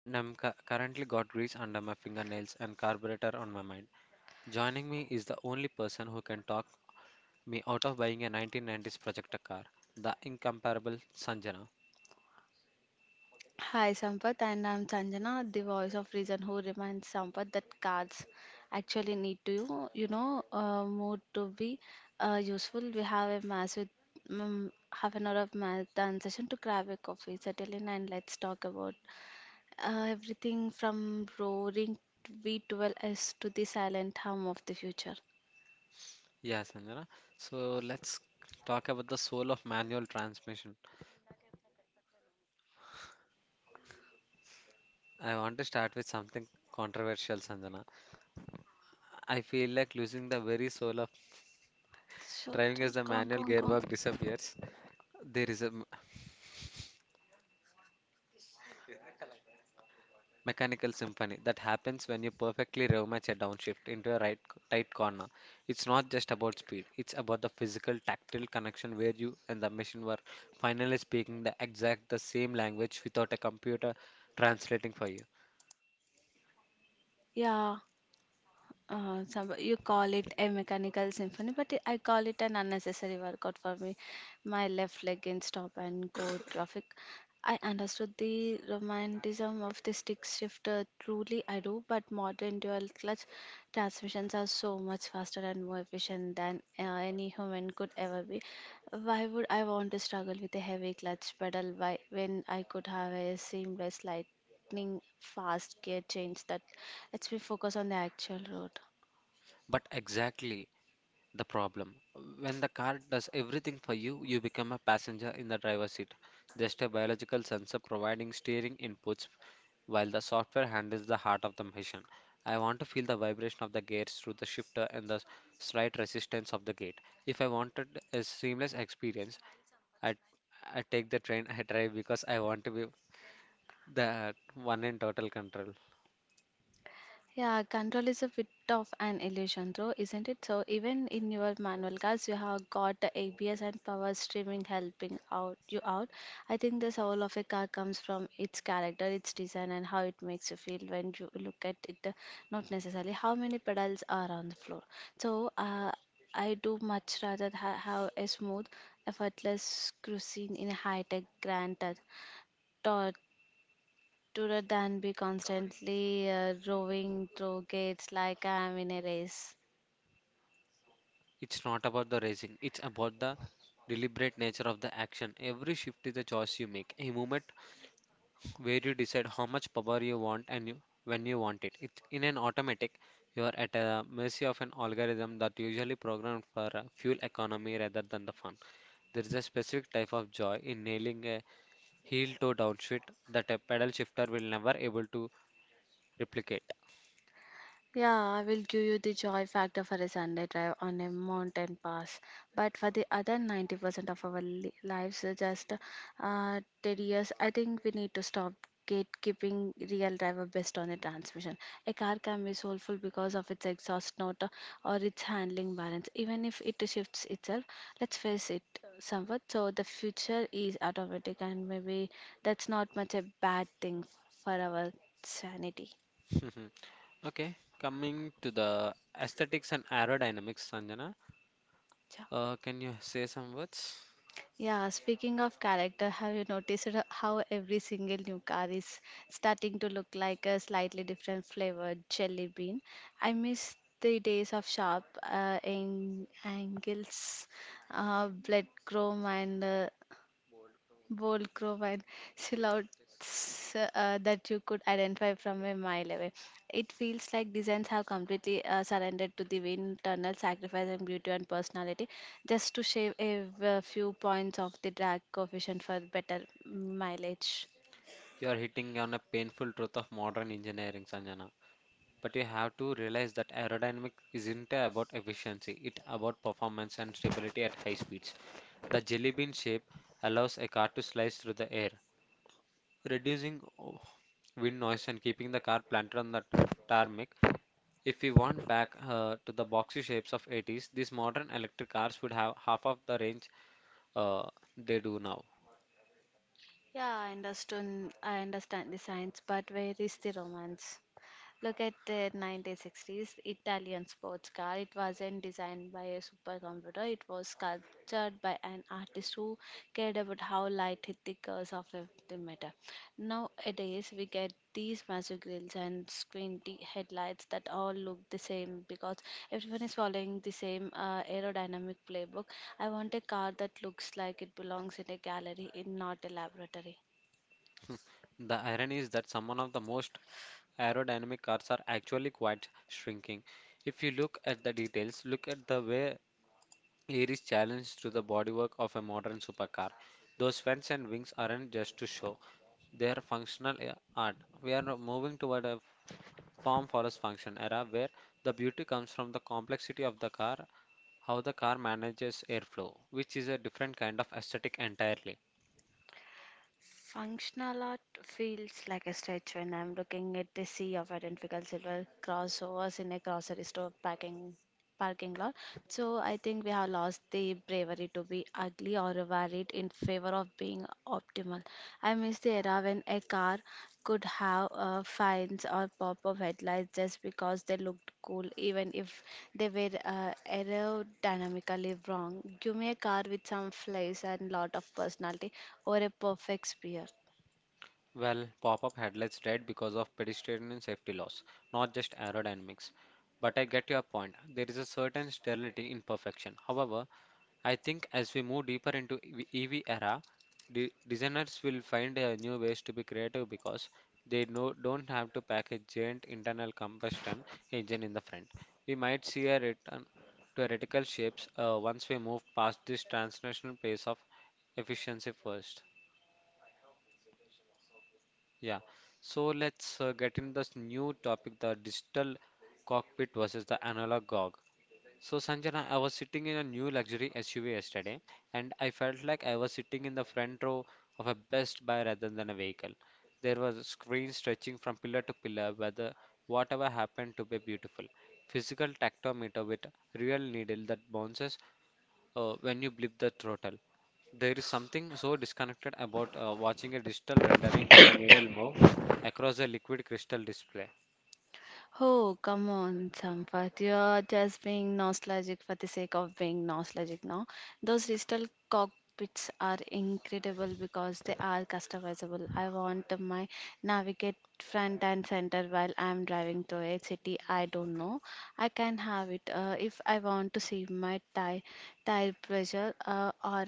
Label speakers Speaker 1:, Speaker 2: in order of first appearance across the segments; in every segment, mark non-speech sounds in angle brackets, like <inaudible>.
Speaker 1: and currently got grease under my fingernails and carburetor on my mind. Joining me is the only person who can talk me out of buying a 1990s projector car, the incomparable Sanjana.
Speaker 2: Hi Sampath, and I'm Sanjana, the voice of reason who reminds Sampath that cards actually need to more to be useful. We have a massive half an hour of marathon session. To grab a coffee, settle in and let's talk about everything from roaring V12S to the silent hum of the future.
Speaker 1: Yeah, Sanjana. So let's talk about the soul of manual transmission. I want to start with something controversial, Sanjana. I feel like losing the very soul of
Speaker 2: So,
Speaker 1: driving
Speaker 2: so
Speaker 1: as the
Speaker 2: go on, go
Speaker 1: manual
Speaker 2: on, go on.
Speaker 1: gearbox disappears. There is a mechanical symphony that happens when you perfectly rematch a downshift into a right tight corner. It's not just about speed, it's about the physical tactile connection where you and the machine were finally speaking the exact the same language without a computer translating for you.
Speaker 2: Yeah. You call it a mechanical symphony, but I call it an unnecessary workout for me. My left leg in stop and go traffic. I understood the romanticism of the stick shifter, truly I do, but modern dual clutch transmissions are so much faster and more efficient than any human could ever be. Why would I want to struggle with a heavy clutch pedal why, when I could have a seamless lightning fast gear change that lets me focus on the actual road?
Speaker 1: But exactly the problem when the car does everything for you, you become a passenger in the driver's seat, just a biological sensor providing steering inputs while the software handles the heart of the machine. I want to feel the vibration of the gears through the shifter and the slight resistance of the gate. If I wanted a seamless experience, I I take the train I drive because I want to be the one in total control.
Speaker 2: Yeah, control is a bit of an illusion though, isn't it? So even in your manual cars you have got the ABS and power streaming helping out you out. I think the soul of a car comes from its character, its design and how it makes you feel when you look at it, not necessarily how many pedals are on the floor. So I do much rather have a smooth, effortless cruising in a high-tech grand touch. Taught to than be constantly roving through gates like I am in a race.
Speaker 1: It's not about the racing, it's about the deliberate nature of the action. Every shift is a choice you make, a movement where you decide how much power you want and you, when you want it. It's in an automatic, you are at a mercy of an algorithm that usually programmed for a fuel economy rather than the fun. There is a specific type of joy in nailing a heel toe downshift that a pedal shifter will never able to replicate.
Speaker 2: Yeah, I will give you the joy factor for a Sunday drive on a mountain pass. But for the other 90% of our lives are just tedious, I think we need to stop gatekeeping real driver based on the transmission. A car can be soulful because of its exhaust note or its handling balance, even if it shifts itself. Let's face it somewhat. So the future is automatic, and maybe that's not much a bad thing for our sanity.
Speaker 1: <laughs> Okay, coming to the aesthetics and aerodynamics, Sanjana,
Speaker 2: Yeah.
Speaker 1: can you say some words?
Speaker 2: Yeah, speaking of character, have you noticed it, how every single new car is starting to look like a slightly different flavored jelly bean? I miss the days of sharp angles, blood chrome, and bold crow and silhouettes that you could identify from a mile away. It feels like designs have completely surrendered to the wind, tunnel, sacrifice, and beauty and personality, just to shave a, few points of the drag coefficient for better mileage.
Speaker 1: You are hitting on a painful truth of modern engineering, Sanjana, but you have to realize that aerodynamic isn't about efficiency, it's about performance and stability at high speeds. The jelly bean shape allows a car to slice through the air, reducing wind noise and keeping the car planted on the tarmac. If we want back to the boxy shapes of 80s, these modern electric cars would have half of the range uh, they do now.
Speaker 2: Yeah, I understand. I understand the science, but where is the romance? Look at the 1960s Italian sports car. It wasn't designed by a supercomputer. It was sculptured by an artist who cared about how light hit the curves of the matter. Nowadays, we get these massive grills and headlights that all look the same because everyone is following the same aerodynamic playbook. I want a car that looks like it belongs in a gallery, in not a laboratory.
Speaker 1: The irony is that some of the most aerodynamic cars are actually quite shrinking if you look at the details. Look at the way air is challenged to the bodywork of a modern supercar. Those fans and wings aren't just to show, they are art. We are moving toward a form follows function era where the beauty comes from the complexity of the car, how the car manages airflow, which is a different kind of aesthetic entirely.
Speaker 2: Functional art feels like a stretch when I'm looking at the sea of identical silver crossovers in a grocery store packing parking lot. So I think we have lost the bravery to be ugly or varied in favor of being optimal. I miss the era when a car could have fines or pop-up headlights just because they looked cool, even if they were aerodynamically wrong. Give me a car with some flares and lot of personality or a perfect spear.
Speaker 1: Well, pop up headlights died because of pedestrian safety laws, not just aerodynamics. But I get your point. There is a certain sterility in perfection. However, I think as we move deeper into EV era, designers will find new ways to be creative because they no, don't have to pack a giant internal combustion engine in the front. We might see a return to radical shapes once we move past this transnational pace of efficiency first. Yeah. So let's get in this new topic, the digital cockpit versus the analog gog. So, Sanjana, I was sitting in a new luxury SUV yesterday, and I felt like I was sitting in the front row of a Best Buy rather than a vehicle. There was a screen stretching from pillar to pillar, whether whatever happened to be beautiful. Physical tactometer with real needle that bounces when you blip the throttle. There is something so disconnected about watching a digital rendering of a needle move across a liquid crystal display.
Speaker 2: Oh, come on, Sampath. You're just being nostalgic for the sake of being nostalgic now. Those digital cockpits are incredible because they are customizable. I want my navigate front and center while I'm driving to a city I don't know. I can have it if I want to see my tire pressure or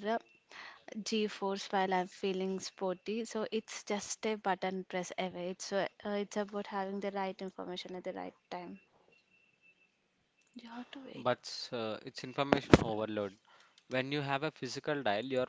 Speaker 2: G-force while I'm feeling sporty. So it's just a button press away. It's about having the right information at the right time. You have to wait.
Speaker 1: But it's information overload when you have a physical dial, your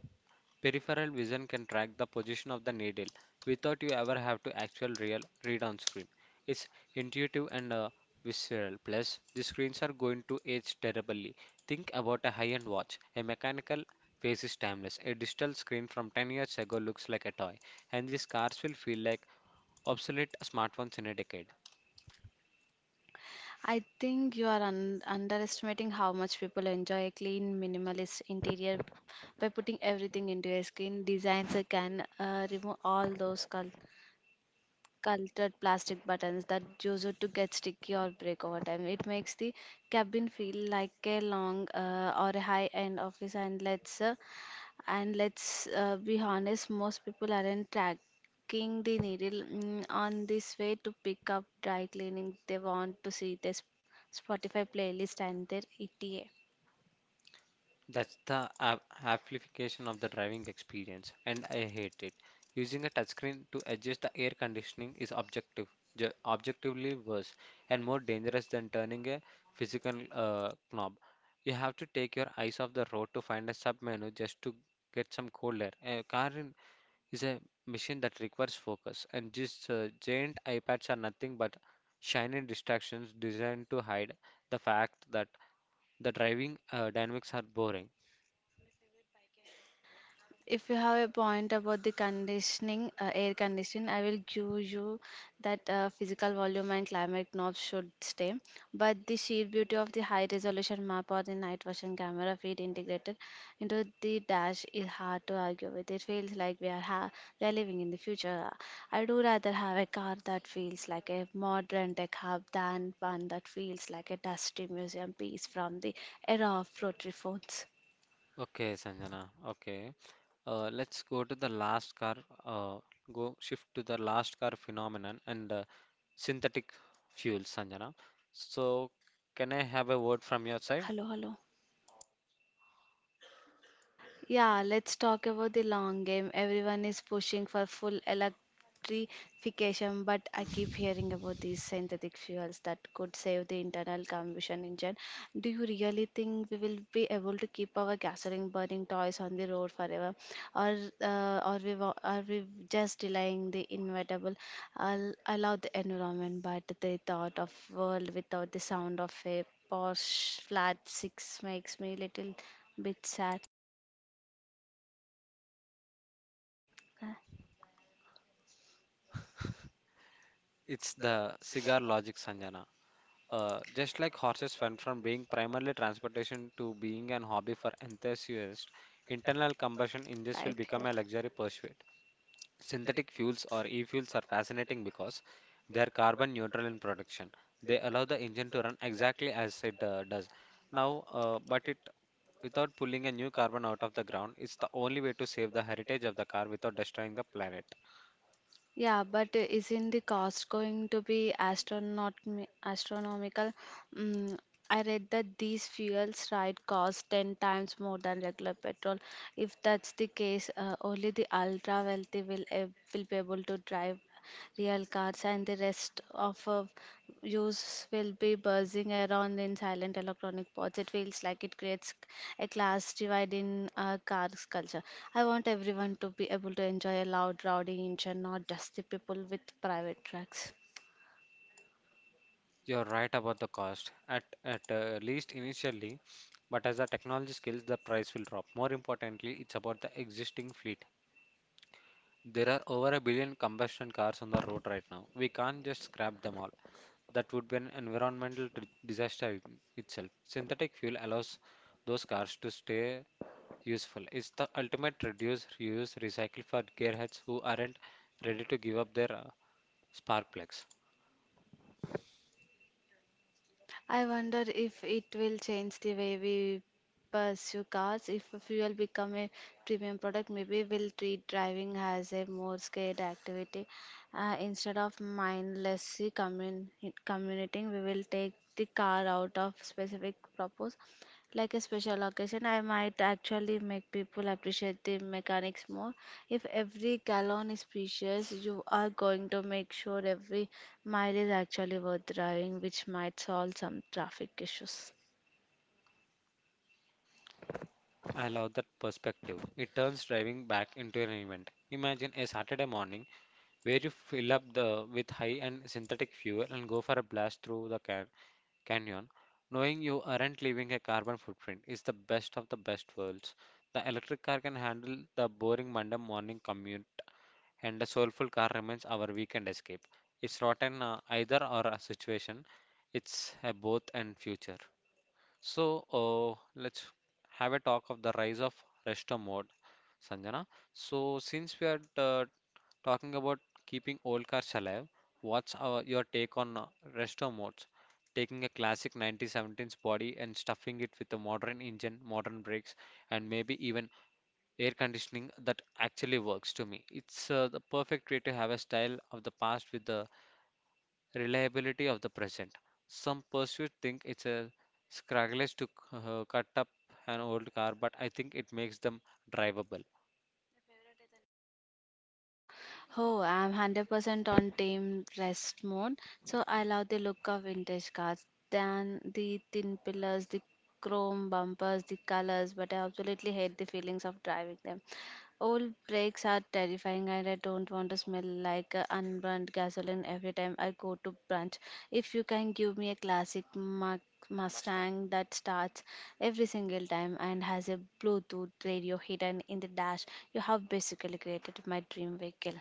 Speaker 1: peripheral vision can track the position of the needle without you ever have to actual real read on screen. It's intuitive and visceral. Plus, the screens are going to age terribly. Think about a high-end watch. A mechanical face is timeless. A digital screen from 10 years ago looks like a toy, and these cars will feel like obsolete smartphones in a decade.
Speaker 2: I think you are underestimating how much people enjoy a clean, minimalist interior by putting everything into a skin designs that can remove all those colors cultured plastic buttons that used to get sticky or break over time. It makes the cabin feel like a long or a high end office. And let's be honest, most people aren't tracking the needle on this way to pick up dry cleaning. They want to see this Spotify playlist and their ETA.
Speaker 1: That's the ap- amplification of the driving experience, and I hate it. Using a touchscreen to adjust the air conditioning is objectively worse and more dangerous than turning a physical knob. You have to take your eyes off the road to find a sub menu just to get some cold air. Is a machine that requires focus, and just giant iPads are nothing but shiny distractions designed to hide the fact that the driving dynamics are boring.
Speaker 2: If you have a point about the conditioning, air conditioning, I will give you that physical volume and climate knobs should stay. But the sheer beauty of the high resolution map or the night vision camera feed integrated into the dash is hard to argue with. It feels like we are living in the future. I do rather have a car that feels like a modern tech hub than one that feels like a dusty museum piece from the era of rotary phones.
Speaker 1: Okay, Sanjana. Okay. Let's go to the last car. Uh, Go shift to the last car phenomenon and synthetic fuels, Sanjana. So, can I have a word from your side?
Speaker 2: Hello, hello. Yeah, let's talk about the long game. Everyone is pushing for full electrification, but I keep hearing about these synthetic fuels that could save the internal combustion engine. Do you really think we will be able to keep our gasoline burning toys on the road forever, or are we just delaying the inevitable? I'll allow the environment, but the thought of world without the sound of a Porsche flat six makes me a little bit sad.
Speaker 1: It's the cigar logic, Sanjana. Just like horses went from being primarily transportation to being an hobby for enthusiasts, internal combustion engines will
Speaker 2: Type
Speaker 1: become
Speaker 2: here.
Speaker 1: a luxury pursuit. Synthetic fuels or e-fuels are fascinating because they are carbon neutral in production. They allow the engine to run exactly as it does now, but it without pulling a new carbon out of the ground. It's the only way to save the heritage of the car without destroying the planet.
Speaker 2: Yeah, but isn't the cost going to be astronaut astronomical? Mm, I read that these fuels ride cost 10 times more than regular petrol. If that's the case, only the ultra wealthy will be able to drive real cars, and the rest of use will be buzzing around in silent electronic pods. It feels like it creates a class divide in cars culture. I want everyone to be able to enjoy a loud, rowdy engine, not just the people with private trucks.
Speaker 1: You're right about the cost, at least initially, but as the technology scales, the price will drop. More importantly, it's about the existing fleet. There are over a billion combustion cars on the road right now. We can't just scrap them all. That would be an disaster in itself. Synthetic fuel allows those cars to stay useful. It's the ultimate reduce, reuse, recycle for gearheads who aren't ready to give up their spark plugs.
Speaker 2: I wonder if it will change the way we pursue cars. If fuel become a premium product, maybe we'll treat driving as a more skilled activity. Instead of mindlessly commuting, we will take the car out of specific purpose like a special occasion, I might actually make people appreciate the mechanics more. If every gallon is precious, you are going to make sure every mile is actually worth driving, which might solve some traffic issues.
Speaker 1: I love that perspective. It turns driving back into an event. Imagine a Saturday morning where you fill up the with high and synthetic fuel and go for a blast through the canyon, knowing you aren't leaving a carbon footprint is the best of the best worlds. The electric car can handle the boring Monday morning commute, and the soulful car remains our weekend escape. It's not an either or a situation, it's a both and future. So let's have a talk of the rise of resto mode, Sanjana. So since we are talking about keeping old cars alive, your take on resto modes? Taking a classic 1917's body and stuffing it with a modern engine, modern brakes, and maybe even air conditioning that actually works to me. It's the perfect way to have a style of the past with the reliability of the present. Some pursuit think it's a sacrilege to cut up an old car, but I think it makes them drivable.
Speaker 2: No. Oh, I'm 100% on team rest mode. So I love the look of vintage cars, then the thin pillars, the chrome bumpers, the colors, but I absolutely hate the feelings of driving them. Old brakes are terrifying, and I don't want to smell like unburned gasoline every time I go to brunch. If you can give me a classic Mustang that starts every single time and has a Bluetooth radio hidden in the dash, you have basically created my dream vehicle.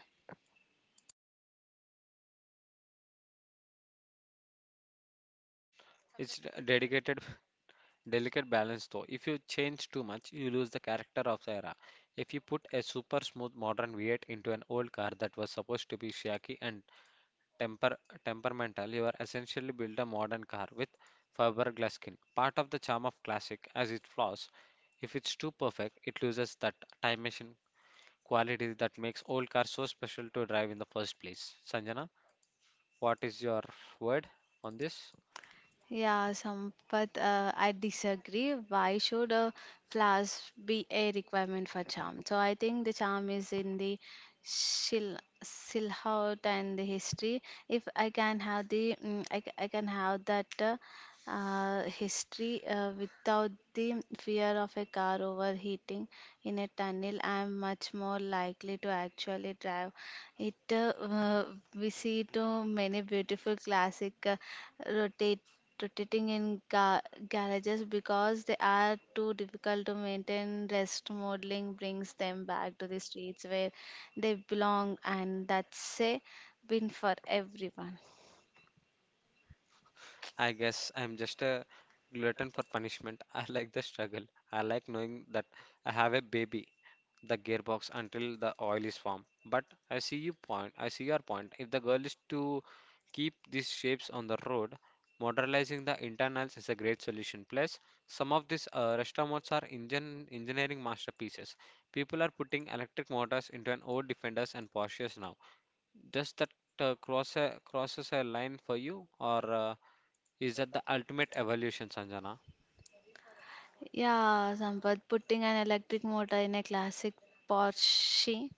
Speaker 1: Dedicated, <laughs> delicate balance though. If you change too much, you lose the character of the era. If you put a super smooth modern V8 into an old car that was supposed to be shaky and temper temperamental, you are essentially built a modern car with fiberglass skin. Part of the charm of classic as its flaws, if it's too perfect, it loses that time machine quality that makes old cars so special to drive in the first place. Sanjana, what is your word on this?
Speaker 2: Yeah, Sampath, I disagree. Why should a flask be a requirement for charm? So I think the charm is in the shil silhouette and the history. If I can have the, I can have that history without the fear of a car overheating in a tunnel, I am much more likely to actually drive it. We see too many beautiful classic rotate rotating in ga- garages because they are too difficult to maintain. Rest modeling brings them back to the streets where they belong, and that's a win for everyone.
Speaker 1: I guess I'm just a glutton for punishment. <laughs> I like the struggle. I like knowing that I have a baby, the gearbox until the oil is formed. But I see your point. If the goal is to keep these shapes on the road, modernizing the internals is a great solution. Plus, some of these restomods are engine engineering masterpieces. People are putting electric motors into an old Defenders and Porsches now. Does that crosses a line for you, or? Is that the ultimate evolution, Sanjana?
Speaker 2: Yeah, Sampath, putting an electric motor in a classic Porsche.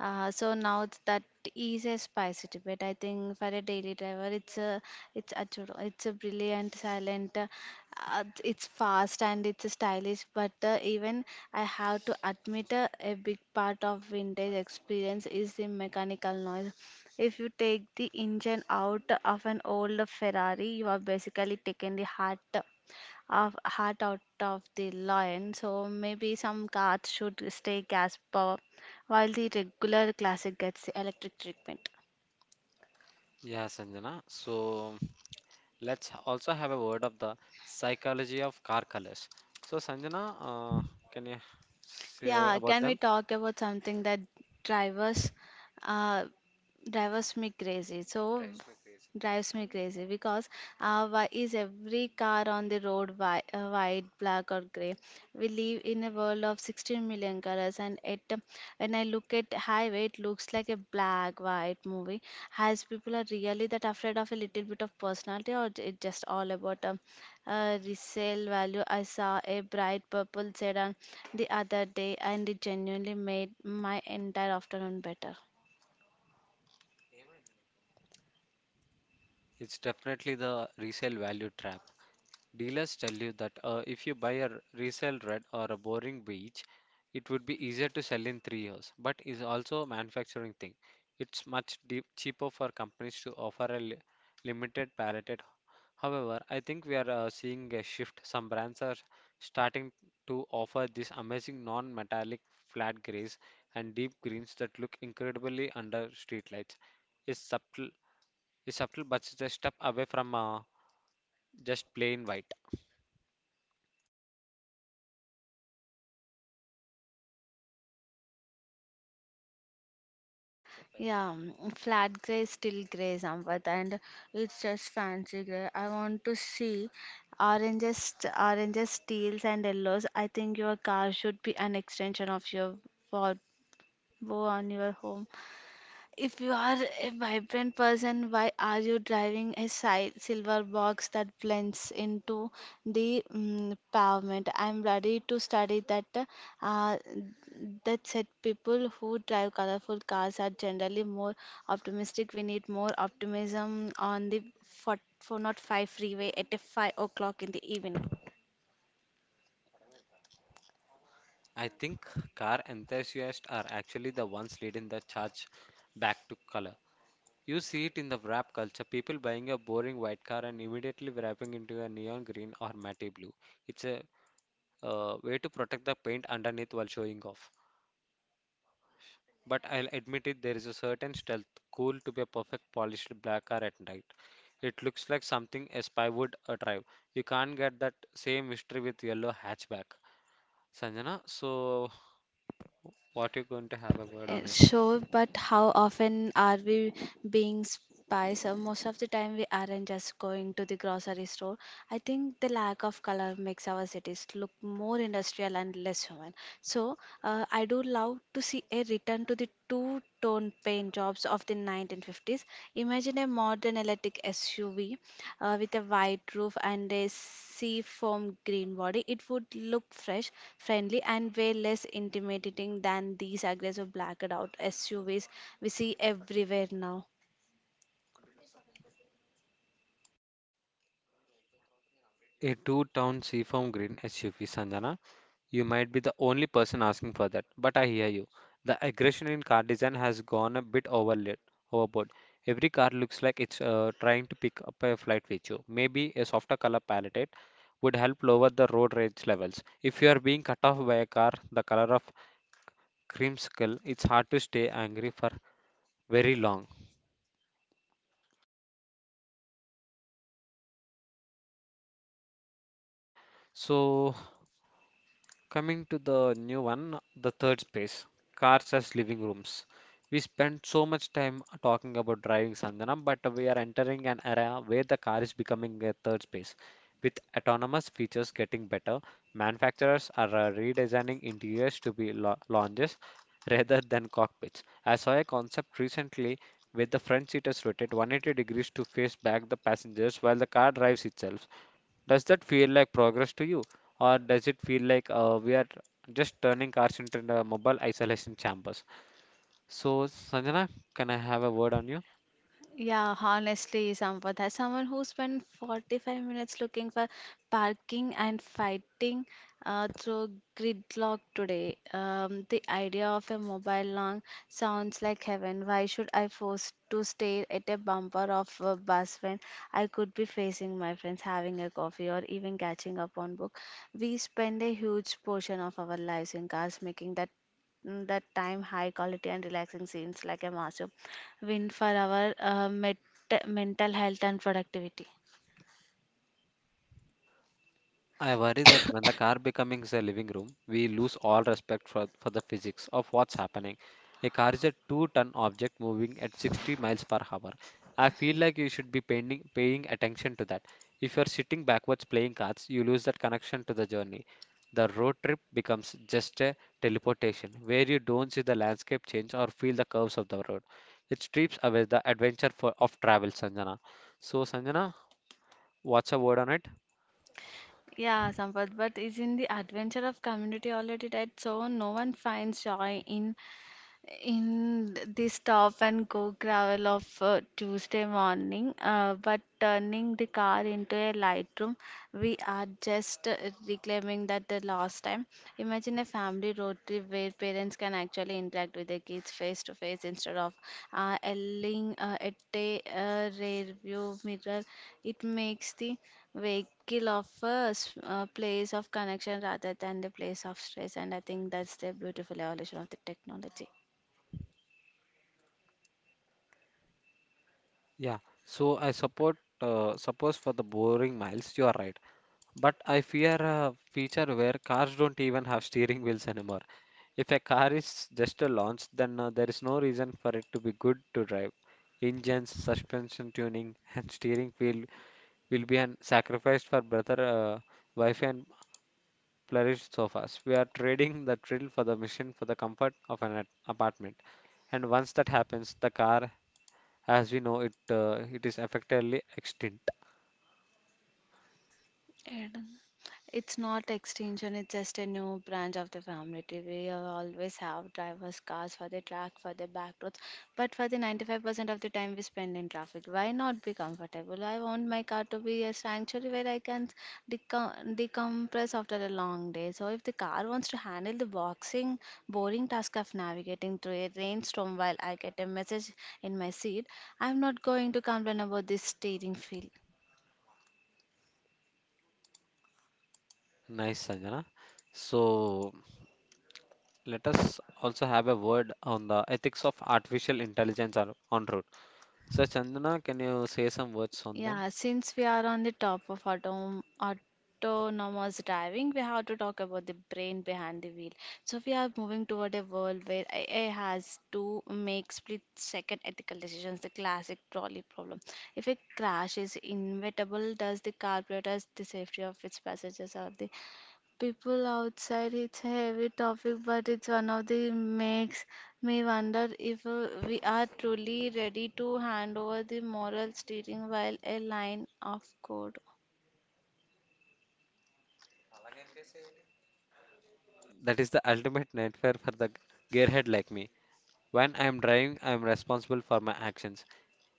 Speaker 2: So now it's that is a spicy Tibet. I think for a daily driver, it's a churro. It's a brilliant silent. It's fast and it's stylish, but even I have to admit a big part of vintage experience is the mechanical noise. If you take the engine out of an old Ferrari, you are basically taking the heart of heart out of the lion. So maybe some cars should stay gas power while the regular classic gets the electric treatment.
Speaker 1: Yeah, Sanjana. So let's also have a word of the psychology of car colors. So, Sanjana, can you say
Speaker 2: Yeah,
Speaker 1: about
Speaker 2: can we
Speaker 1: them?
Speaker 2: talk about something that drivers uh drives me crazy? So drives me crazy because Why is every car on the road white, black or gray? We live in a world of 16 million colors and it when I look at highway it looks like a black white movie. Has people are really that afraid of a little bit of personality or it just all about resale value? I saw a bright purple sedan the other day and it genuinely made my entire afternoon better.
Speaker 1: It's definitely the resale value trap. Dealers tell you that if you buy a resale red or a boring beige, it would be easier to sell in 3 years, but is also a manufacturing thing. It's much deep, cheaper for companies to offer a limited palette. However, I think we are seeing a shift. Some brands are starting to offer these amazing non-metallic flat grays and deep greens that look incredibly under streetlights. It's subtle, it's subtle, but it's a step away from just plain white.
Speaker 2: Yeah, flat gray is still gray, Sampath, and it's just fancy gray. I want to see oranges, teals, and yellows. I think your car should be an extension of your wardrobe on your home. If you are a vibrant person, why are you driving a si silver box that blends into the pavement? I'm ready to study that. Uh, that said, people who drive colorful cars are generally more optimistic. We need more optimism on the four not five freeway at 5 o'clock in the evening.
Speaker 1: I think car enthusiasts are actually the ones leading the charge back to color. You see it in the wrap culture, people buying a boring white car and immediately wrapping into a neon green or matte blue. It's a way to protect the paint underneath while showing off. But I'll admit it, there is a certain stealth cool to be a perfect polished black car at night. It looks like something a spy would drive. You can't get that same mystery with yellow hatchback. Sanjana, so what you going to have a word on
Speaker 2: Uh,
Speaker 1: it?
Speaker 2: Sure, but how often are we being spies? Most of the time, we aren't just going to the grocery store. I think the lack of color makes our cities look more industrial and less human. I do love to see a return to the two tone paint jobs of the 1950s. Imagine a modern electric SUV with a white roof and a seafoam green body. It would look fresh, friendly, and way less intimidating than these aggressive blacked out SUVs we see everywhere now.
Speaker 1: A two-tone seafoam green SUV, Sanjana. You might be the only person asking for that, but I hear you. The aggression in car design has gone a bit overboard. Every car looks like it's trying to pick up a flight with you. Maybe a softer color palette would help lower the road rage levels. If you are being cut off by a car the color of creamsicle, it's hard to stay angry for very long. Okay. So coming to the new one, the third space, cars as living rooms. We spent so much time talking about driving Sanjana, but we are entering an era where the car is becoming a third space. With autonomous features getting better, manufacturers are redesigning interiors to be lounges rather than cockpits. I saw a concept recently where the front seat is rotated 180 degrees to face back the passengers while the car drives itself. Does that feel like progress to you, or does it feel like we are just turning cars into the mobile isolation chambers? So, Sanjana, can I have a word on you?
Speaker 2: Yeah, honestly, Sampath, as someone who spent 45 minutes looking for parking and fighting through gridlock today, the idea of a mobile long sounds like heaven. Why should I force to stay at a bumper of a bus when I could be facing my friends, having a coffee, or even catching up on book? We spend a huge portion of our lives in cars, making that time high quality and relaxing seems like a masterpiece win for our mental health and productivity.
Speaker 1: I worry that when the car becomes a living room, we lose all respect for the physics of what's happening. A car is a two-ton object moving at 60 miles per hour. I feel like you should be paying attention to that. If you're sitting backwards playing cards, you lose that connection to the journey. The road trip becomes just a teleportation where you don't see the landscape change or feel the curves of the road. It strips away the adventure of travel, Sanjana. So, Sanjana, what's your word on it?
Speaker 2: Yeah, Sampath, but is in the adventure of community already that so no one finds joy in the stop and go gravel of Tuesday morning, but turning the car into a lightroom, we are just reclaiming that the last time. Imagine a family road trip where parents can actually interact with their kids face to face instead of yelling at a rear view mirror. It makes the vehicle of a place of connection rather than the place of stress, and I think that's the beautiful evolution of the technology.
Speaker 1: Yeah, so I support suppose for the boring miles, you are right. But I fear a feature where cars don't even have steering wheels anymore. If a car is just a launch, then there is no reason for it to be good to drive. Engines, suspension tuning, <laughs> and steering wheel will be an sacrifice for better Wi-Fi and flourished sofas. We are trading the thrill for the mission for the comfort of an apartment. And once that happens, the car, as we know it, it is effectively extinct.
Speaker 2: And it's not extinction, it's just a new branch of the family tree. We always have driver's cars for the track, for the back roads, but for the 95% of the time we spend in traffic. Why not be comfortable? I want my car to be a sanctuary where I can decompress after a long day. So if the car wants to handle the boring task of navigating through a rainstorm while I get a message in my seat, I'm not going to complain about this steering feel.
Speaker 1: Nice, Sanjana. So let us also have a word on the ethics of artificial intelligence on route. So Chandana, can you say some words on them?
Speaker 2: Yeah, since we are on the top of autom autonomous driving, we have to talk about the brain behind the wheel. So we are moving toward a world where AI has to make split-second ethical decisions, the classic trolley problem. If a crash is inevitable, does the car prioritize the safety of its passengers or the people outside. It's a heavy topic, but it's one of the makes me wonder if we are truly ready to hand over the moral steering while a line of code.
Speaker 1: That is the ultimate nightmare for the gearhead like me. When I am driving, I am responsible for my actions.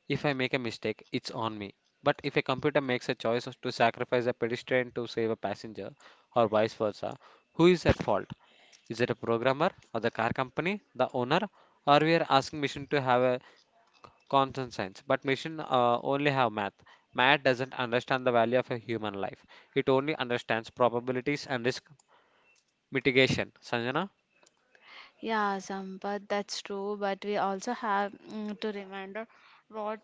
Speaker 1: If I make a mistake, it's on me. But if a computer makes a choice as to sacrifice a pedestrian to save a passenger, or vice versa, who is at fault? Is it a programmer or the car company, the owner, or we are asking machine to have a content science, but machine only have math. Math doesn't understand the value of a human life. It only understands probabilities and risk mitigation, Sanjana.
Speaker 2: Yeah, Sampath, that's true, but we also have to remember what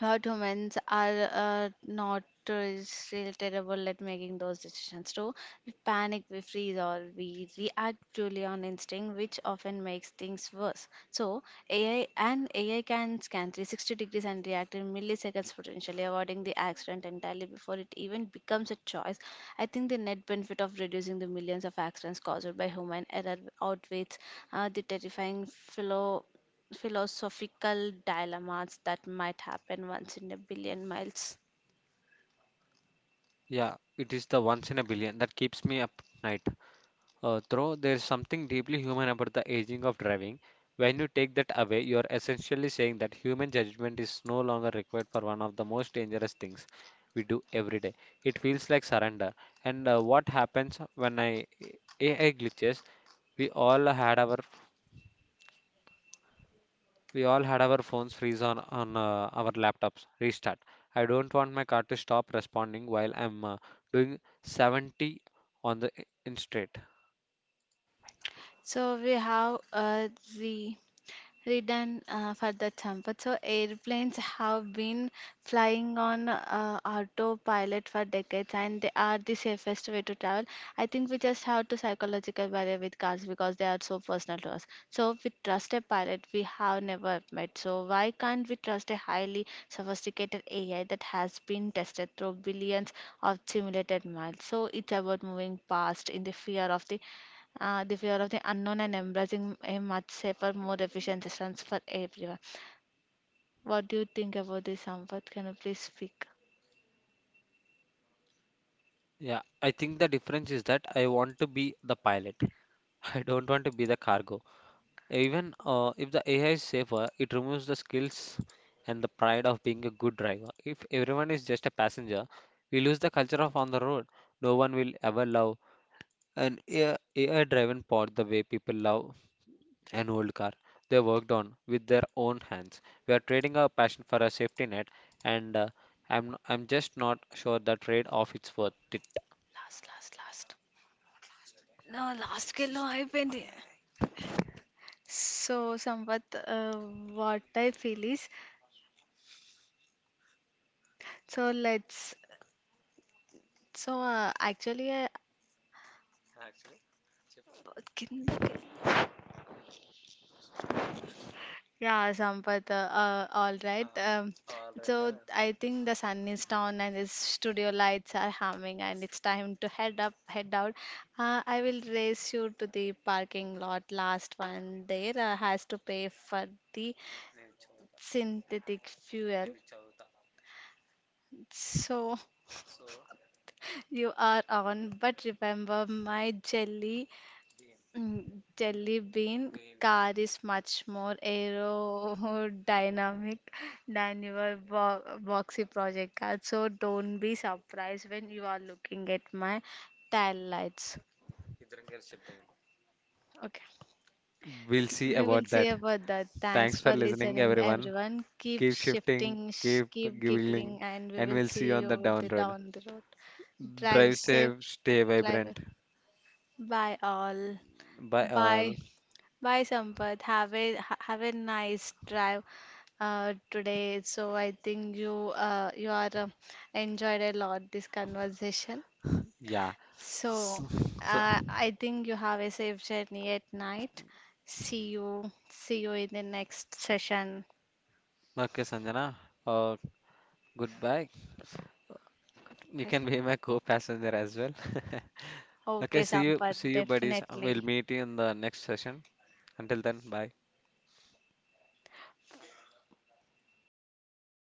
Speaker 2: What humans are not still terrible at making those decisions too. We panic, we freeze, or we react purely on instinct, which often makes things worse. So, AI can scan 360 degrees and react in milliseconds, potentially avoiding the accident entirely before it even becomes a choice. I think the net benefit of reducing the millions of accidents caused by human error outweighs the terrifying flow philosophical dilemmas that might happen once in a billion miles.
Speaker 1: Yeah, it is the once in a billion that keeps me up night. Though there is something deeply human about the aging of driving. When you take that away you are essentially saying that human judgment is no longer required for one of the most dangerous things we do every day. It feels like surrender. And what happens when I AI glitches? We all had our We all had our phones freeze on our laptops. Restart. I don't want my car to stop responding while I'm doing 70 on the in straight.
Speaker 2: So we have the written for the trumpet. So airplanes have been flying on autopilot for decades, and they are the safest way to travel. I think we just have to psychological barrier with cars because they are so personal to us. So we trust a pilot we have never met. So why can't we trust a highly sophisticated AI that has been tested through billions of simulated miles? So it's about moving past in the fear of the unknown and embracing a much safer, more efficient systems for everyone. What do you think about this, Sampath? Can you please speak?
Speaker 1: Yeah, I think the difference is that I want to be the pilot. <laughs> I don't want to be the cargo. Even if the AI is safer, it removes the skills and the pride of being a good driver. If everyone is just a passenger, we lose the culture of on the road. No one will ever love an AI driven pod the way people love an old car they worked on with their own hands. We are trading our passion for a safety net, and I'm just not sure the trade off is worth it.
Speaker 2: Last last last నా last కెళ్ళో అయిపోయింది So, Sampath, what I feel is, so let's, so uh, actually, uh, కిందకి all right. So I think the sun is down and its studio lights are humming and it's time to head out. I will race you to the parking lot. Last one there has to pay for the synthetic fuel. So <laughs> you are on, but remember my jelly Mm, Jelly bean car is much more aerodynamic than your bo boxy project car. So don't be surprised when you are looking at my tail lights. Okay.
Speaker 1: We'll see
Speaker 2: We'll
Speaker 1: about
Speaker 2: see
Speaker 1: that.
Speaker 2: about that. Thanks
Speaker 1: Thanks for
Speaker 2: for
Speaker 1: listening,
Speaker 2: listening,
Speaker 1: everyone.
Speaker 2: everyone. Keep
Speaker 1: Keep shifting, keep
Speaker 2: keep
Speaker 1: giggling,
Speaker 2: giggling, and we
Speaker 1: and
Speaker 2: will
Speaker 1: we'll
Speaker 2: see
Speaker 1: see you on
Speaker 2: you
Speaker 1: the
Speaker 2: on
Speaker 1: down
Speaker 2: the
Speaker 1: road.
Speaker 2: down the road. Drive
Speaker 1: Drive
Speaker 2: safe.
Speaker 1: safe, stay
Speaker 2: Safe, drive well.
Speaker 1: vibrant.
Speaker 2: Bye all.
Speaker 1: Bye all.
Speaker 2: Bye. Bye, Sampath. Have have a nice drive today. So I think you are enjoyed a lot this conversation.
Speaker 1: Yeah.
Speaker 2: So
Speaker 1: So, so
Speaker 2: I think you have a safe journey at night. See you in the next session.
Speaker 1: okay, Sanjana. Uh, Goodbye. You can be
Speaker 2: Goodbye.
Speaker 1: my co passenger as well. <laughs>
Speaker 2: Okay,
Speaker 1: Okay,
Speaker 2: Sampath,
Speaker 1: see you, buddies.
Speaker 2: definitely.
Speaker 1: We'll meet you in the next session. Until then, bye.